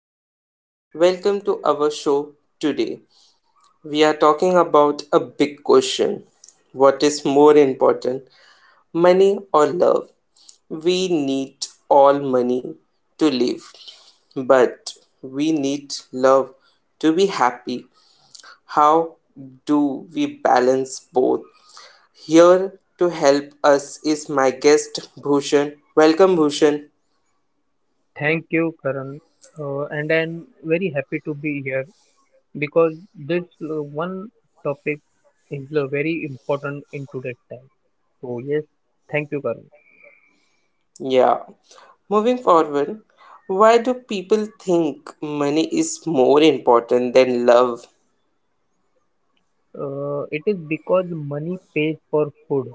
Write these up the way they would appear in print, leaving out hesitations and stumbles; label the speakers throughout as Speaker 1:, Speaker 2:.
Speaker 1: Karan. Welcome to our show today. We are talking about a big question. What is more important, money or love? We need all money to live, but we need love to be happy. How do we balance both? Here to help us is my guest Bhushan. Welcome, Bhushan.
Speaker 2: Thank you, Karan. And I'm very happy to be here because this one topic is very important in today's time. So, yes, thank you, Karan.
Speaker 1: Yeah. Moving forward, why do people think money is more important than love?
Speaker 2: It is because money pays for food,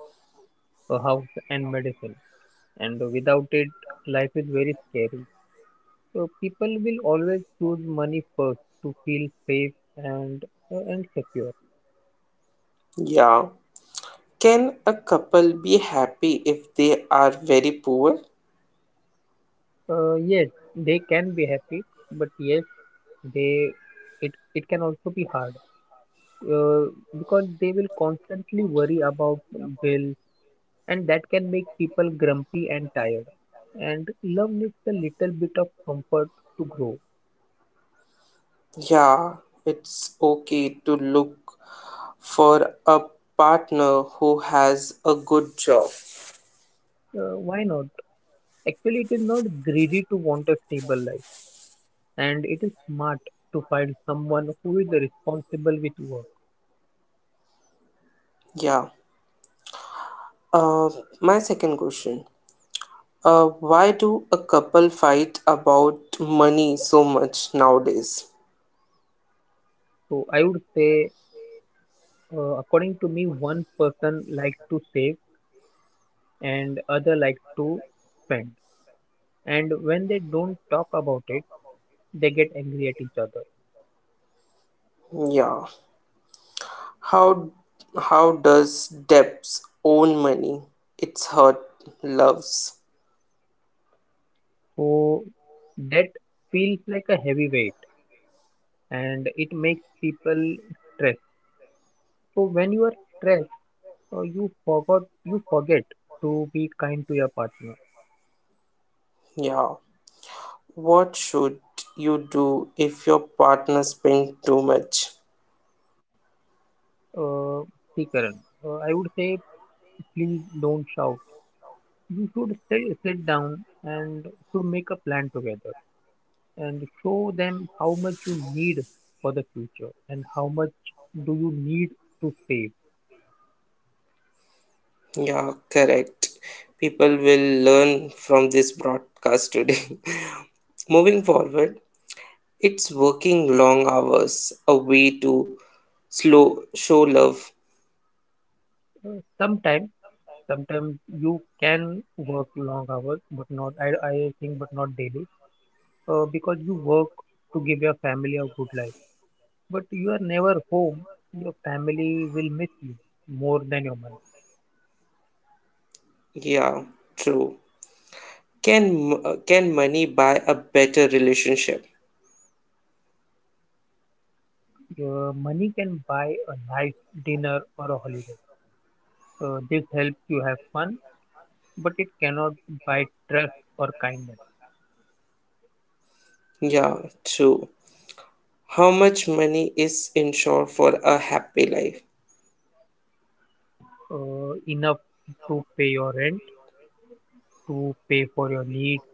Speaker 2: a house, and medicine, and without it, life is very scary. So, people will always choose money first to feel safe and secure.
Speaker 1: Yeah. Can a couple be happy if they are very poor?
Speaker 2: Yes, they can be happy, but yes they it it can also be hard uh, because they will constantly worry about bills, and that can make people grumpy and tired, and love needs a little bit of comfort to grow.
Speaker 1: Yeah, it's okay to look for a partner who has a good job.
Speaker 2: Why not? Actually, it is not greedy to want a stable life, and it is smart to find someone who is responsible with work.
Speaker 1: Yeah. Uh, my second question. Why do a couple fight about money so much nowadays?
Speaker 2: So I would say, according to me, one person likes to save and other likes to spend, and when they don't talk about it, they get angry at each other.
Speaker 1: Yeah. How how does Deb's own money? It's hurt. Love's.
Speaker 2: So that feels like a heavy weight, and it makes people stressed. So when you are stressed, you forget to be kind to your partner.
Speaker 1: Yeah. What should you do if your partner spend too much?
Speaker 2: uh, See, Karan, I would say, please don't shout. You should sit down and should make a plan together, and show them how much you need for the future and how much do you need to save.
Speaker 1: Yeah, correct. People will learn from this broadcast today. Moving forward, it's working long hours a way to slow show love.
Speaker 2: Sometimes, sometimes, you can work long hours, but not, I think, but not daily, because you work to give your family a good life. But you are never home. Your family will miss you more than your money.
Speaker 1: Yeah, true. Can can money buy a better relationship?
Speaker 2: Your money can buy a nice dinner or a holiday. This helps you have fun, but it cannot buy trust or kindness.
Speaker 1: Yeah, true. How much money is insured for a happy life?
Speaker 2: Enough to pay your rent, to pay for your needs,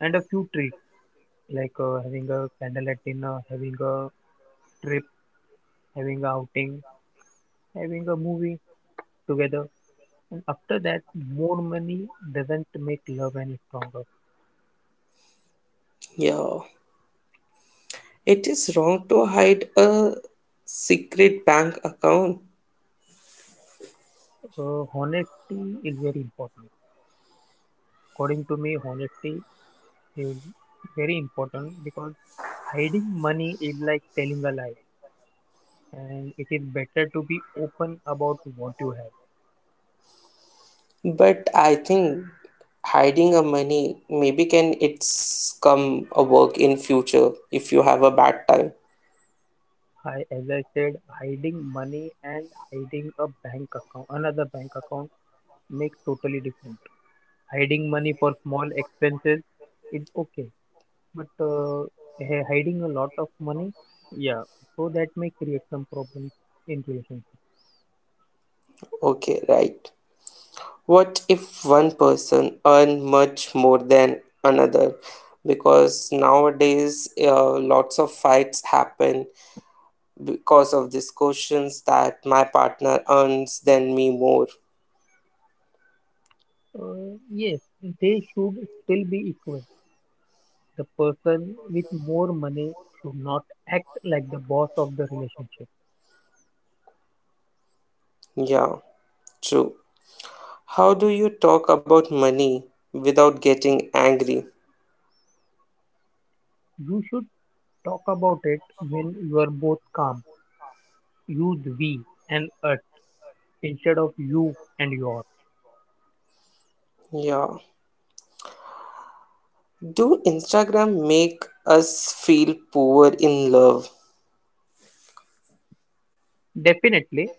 Speaker 2: and a few treats like having a candlelight dinner, having a trip, having a outing, having a movie together. And after that, more money doesn't make love any stronger.
Speaker 1: Yeah, it is wrong to hide a secret bank account,
Speaker 2: Honesty is very important. According to me, honesty is very important because hiding money is like telling a lie, and it is better to be open about what you have.
Speaker 1: but I think hiding a money maybe can it's come a work in future if you have a bad time.
Speaker 2: I, as I said, hiding money and hiding a bank account, another bank account, makes totally different. Hiding money for small expenses is okay, but hiding a lot of money, yeah, so that may create some problems in relationship.
Speaker 1: Okay, right. What if one person earn much more than another? Because nowadays lots of fights happen because of these questions that my partner earns than me more.
Speaker 2: Yes, they should still be equal. The person with more money should not act like the boss of the relationship.
Speaker 1: Yeah, true. How do you talk about money without getting angry?
Speaker 2: You should talk about it when you are both calm. Use we and us instead of you and your.
Speaker 1: Yeah. Do Instagram make us feel poor in love?
Speaker 2: Definitely,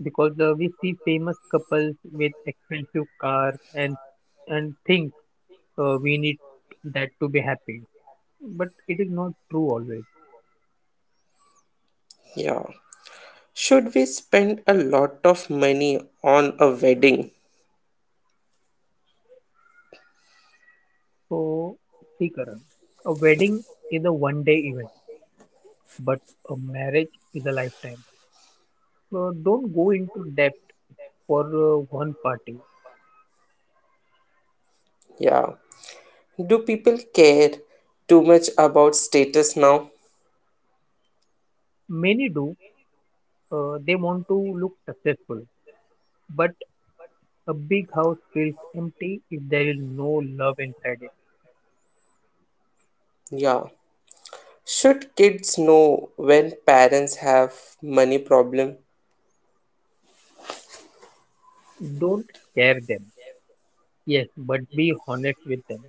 Speaker 2: because we see famous couples with expensive cars, and think we need that to be happy, but it is not true always.
Speaker 1: Yeah. Should we spend a lot of money on a wedding?
Speaker 2: So see, Karan, a wedding is a one day event, but a marriage is a lifetime, so don't go into debt for one party.
Speaker 1: Yeah. Do people care too much about status now?
Speaker 2: Many do. They want to look successful, but a big house feels empty if there is no love inside it.
Speaker 1: Yeah. Should kids know when parents have money problem?
Speaker 2: Don't scare them. Yes, but be honest with them.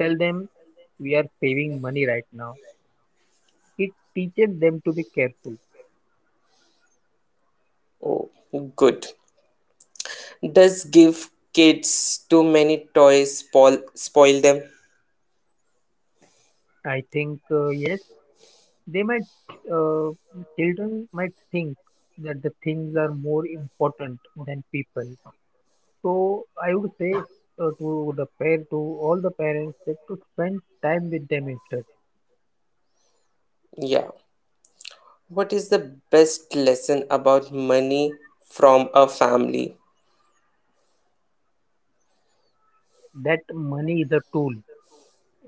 Speaker 2: Tell them, we are saving money right now. It teaches them to be careful.
Speaker 1: Oh, good. Does give kids too many toys spoil them?
Speaker 2: I think, yes, they might, uh, children might think that the things are more important than people. So I would say, to the pair, to all the parents, that to spend time with them instead.
Speaker 1: Yeah. What is the best lesson about money from a family?
Speaker 2: That money is a tool.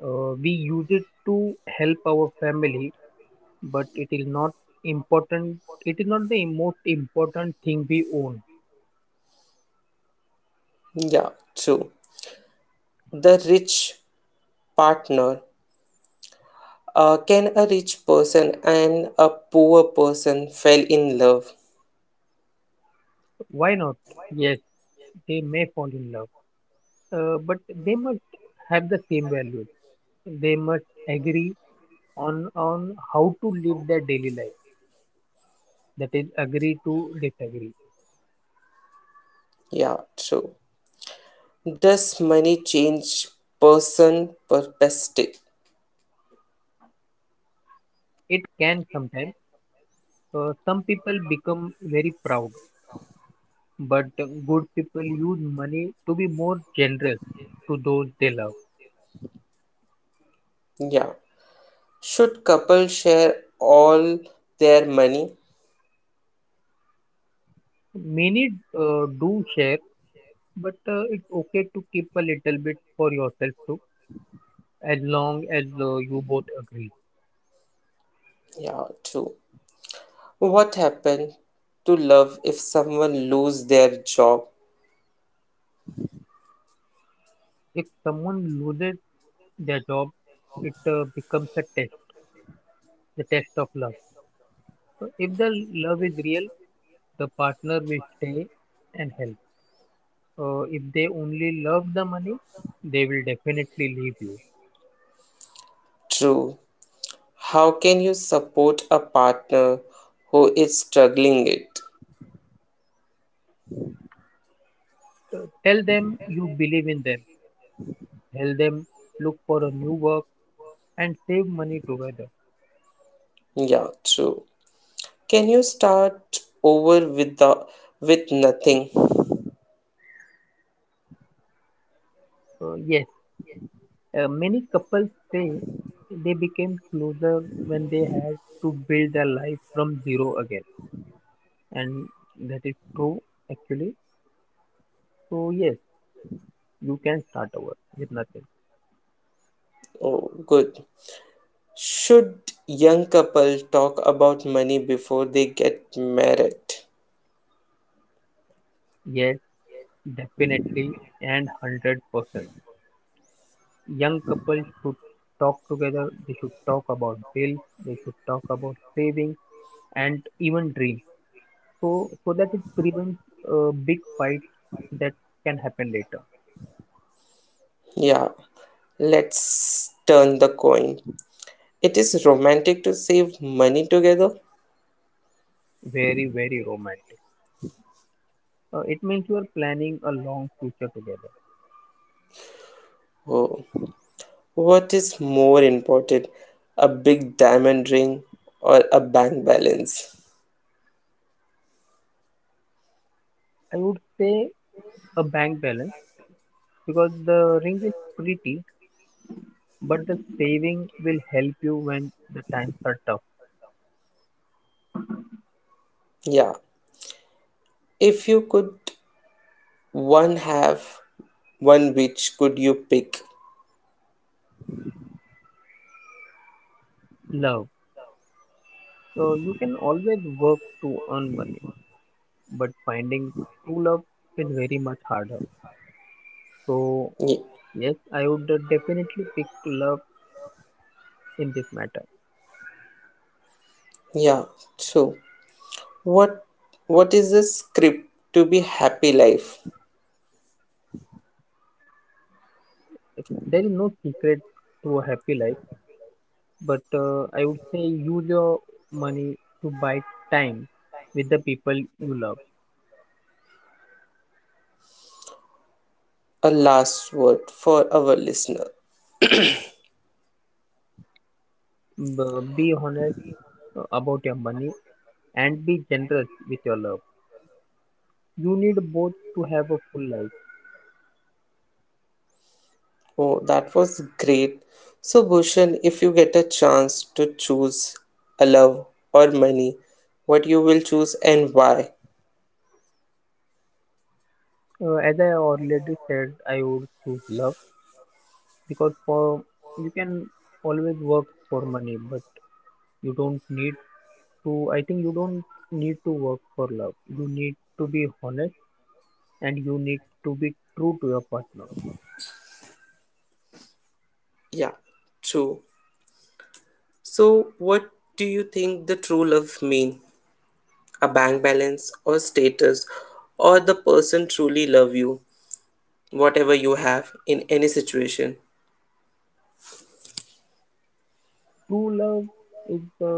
Speaker 2: We use it to help our family, but it is not important. It is not the most important thing we own.
Speaker 1: Yeah, true. The rich partner. Can a rich person and a poor person fell in love?
Speaker 2: Why not? Yes, they may fall in love, but they must have the same values. They must agree on how to live their daily life. That is, agree to disagree.
Speaker 1: Yeah, true. Does money change person perspective?
Speaker 2: It can sometimes. Some people become very proud, but good people use money to be more generous to those they love.
Speaker 1: Yeah. Should couples share all their money?
Speaker 2: Many do share. But it's okay to keep a little bit for yourself too, as long as you both agree.
Speaker 1: Yeah, true. What happened to love if someone lose their job?
Speaker 2: If someone loses their job, it becomes a test, the test of love. So if the love is real, the partner will stay and help. If they only love the money, they will definitely leave you.
Speaker 1: True. How can you support a partner who is struggling it?
Speaker 2: Tell them you believe in them. Tell them, look for a new work and save money together.
Speaker 1: Yeah, true. Can you start over with the with nothing?
Speaker 2: Yes, many couples say they became closer when they had to build their life from zero again, and that is true actually. So, yes, you can start over with nothing.
Speaker 1: Oh, good. Should young couple talk about money before they get married?
Speaker 2: Yes, definitely, and 100%. Young couples should talk together, they should talk about bills, they should talk about savings, and even dreams. So that it prevents a big fight that can happen later.
Speaker 1: Yeah. Let's turn the coin. It is romantic to save money together.
Speaker 2: Very, very romantic. It means you are planning a long future together.
Speaker 1: Oh, what is more important, a big diamond ring or a bank balance?
Speaker 2: I would say a bank balance, because the ring is pretty, but the saving will help you when the times are tough.
Speaker 1: Yeah, if you could one have one which could you pick?
Speaker 2: Love. So you can always work to earn money, but finding true love is very much harder. So
Speaker 1: Ye-
Speaker 2: yes, I would definitely pick love in this matter.
Speaker 1: Yeah, so what what is the script to be happy life?
Speaker 2: There is no secret to a happy life, but I would say use your money to buy time with the people you love.
Speaker 1: A last word for our listener.
Speaker 2: Be honest about your money, and be generous with your love. You need both to have a full life.
Speaker 1: Oh, that was great. So Bhushan, if you get a chance to choose a love or money, what you will choose and why?
Speaker 2: As I already said, I would choose love, because for you can always work for money, but you don't need to, I think you don't need to work for love. You need to be honest, and you need to be true to your partner.
Speaker 1: Yeah, true. So, what do you think the true love mean? A bank balance or status or the person truly love you, whatever you have in any situation?
Speaker 2: True love is the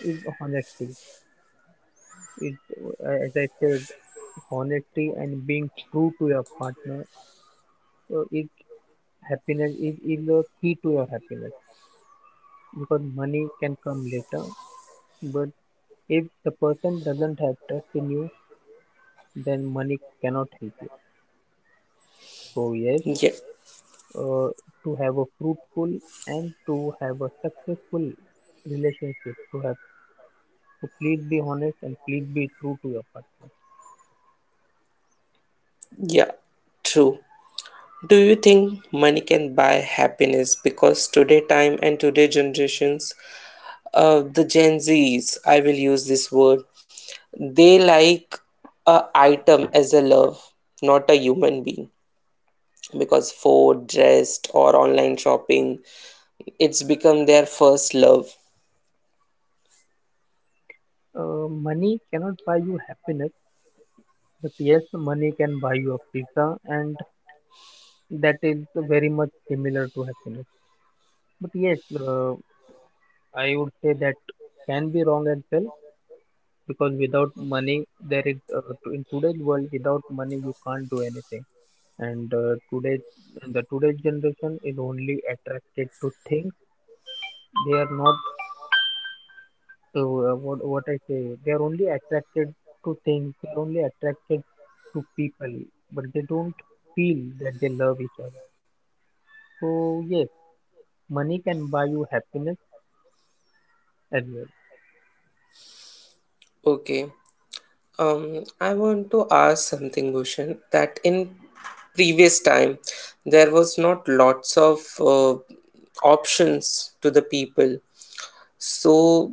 Speaker 2: is honesty, is, as I said, honesty and being true to your partner is happiness, is the key to your happiness, because money can come later. But if the person doesn't have trust in you, then money cannot help you. So yes,
Speaker 1: Yeah,
Speaker 2: uh, to have a fruitful and to have a successful relationship, to please be honest and please be true to your partner.
Speaker 1: yeah, true. Do you think money can buy happiness? Because today time and today generations, the Gen Zs, I will use this word, they like a item as a love, not a human being. Because food, rest, or online shopping, it's become their first love.
Speaker 2: Money cannot buy you happiness, but yes money can buy you a pizza, and that is very much similar to happiness. But yes, I would say that can be wrong as well, because without money, in today's world without money you can't do anything. And today, the today's generation is only attracted to things. They are not to, what I say. They are only attracted to things. They are only attracted to people, but they don't feel that they love each other. So yes, money can buy you happiness as well.
Speaker 1: Okay. I want to ask something, Bhushan, that in previous time there was not lots of options to the people. So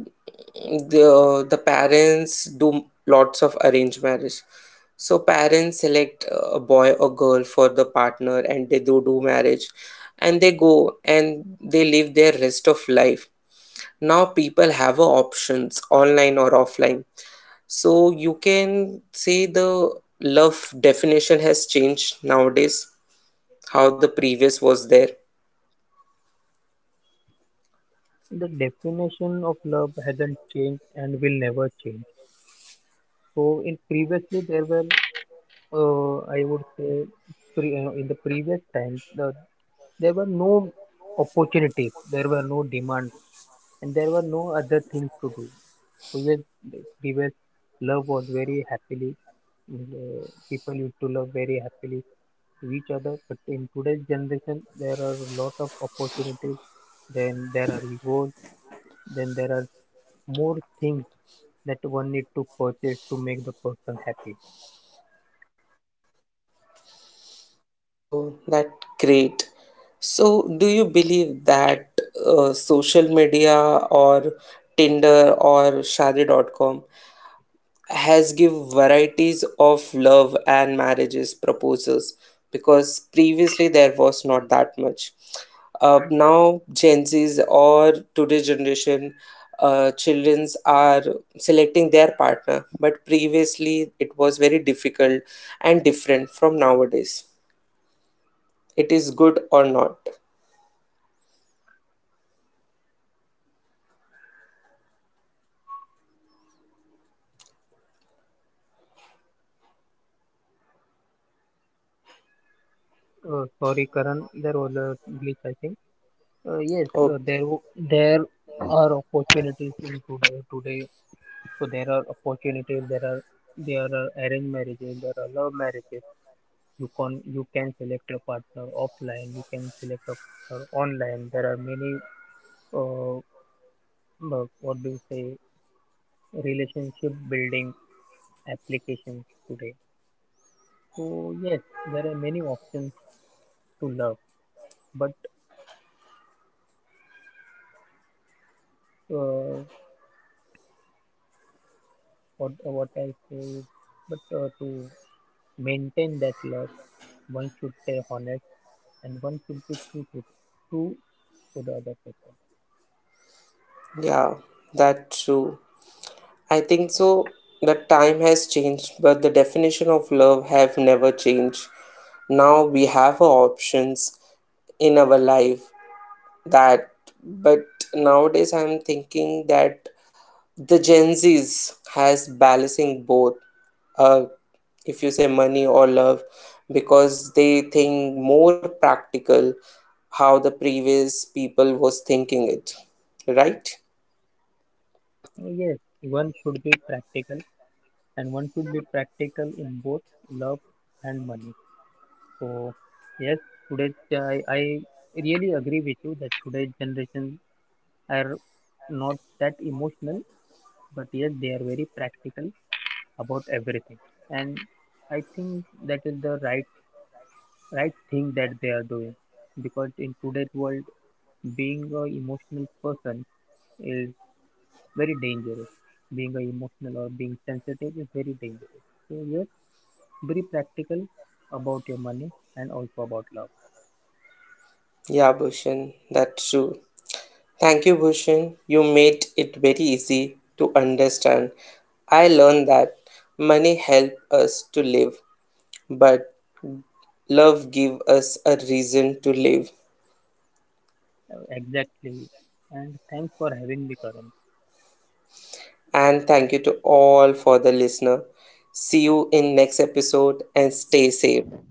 Speaker 1: the parents do lots of arranged marriage. So parents select a boy or girl for the partner and they do marriage and they go and they live their rest of life. Now people have a options online or offline. So you can say the love definition has changed nowadays how the previous was there.
Speaker 2: The definition of love hasn't changed and will never change. So in previously there were, I would say, in the previous times, there were no opportunities, there were no demand, and there were no other things to do. So yes, the previous love was very happily, people used to love very happily to each other. But in today's generation, there are a lot of opportunities. Then there are egos. Then there are more things that one need to purchase to make the person happy.
Speaker 1: Oh, that great. So, do you believe that social media or Tinder or Shadi.com has give varieties of love and marriages proposals because previously there was not that much. Now Gen Zs or today's generation childrens are selecting their partner, but previously it was very difficult and different from nowadays it is good or not.
Speaker 2: Sorry, Karan, there was a glitch, I think.
Speaker 1: Oh,
Speaker 2: There are opportunities in today. So there are opportunities. There are arranged marriages. There are love marriages. You can select a partner offline. You can select a partner online. There are many uh, what do you say, relationship building applications today. So yes, there are many options to love. But uh, what I say, is, but to maintain that love. One should stay honest and one should be true to, true to the other person.
Speaker 1: yeah, that's true. I think so. The time has changed, but the definition of love have never changed. Now we have our options in our life that but nowadays I'm thinking that the Gen Z's has balancing both uh if you say money or love because they think more practical how the previous people was thinking it right.
Speaker 2: And yes, one should be practical and one should be practical in both love and money. So, yes, today I really agree with you that today's generation are not that emotional, but yes, they are very practical about everything. And I think that is the right thing that they are doing, because in today's world being a emotional person is very dangerous. Being a emotional or being sensitive is very dangerous. So yes, be practical about your money and also about love.
Speaker 1: Yeah, Bhushan, that's true. Thank you, Bhushan. You made it very easy to understand. I learned that money help us to live, but love give us a reason to live.
Speaker 2: Exactly. And thanks for having me, Karan.
Speaker 1: And thank you to all for the listener. See you in next episode and stay safe.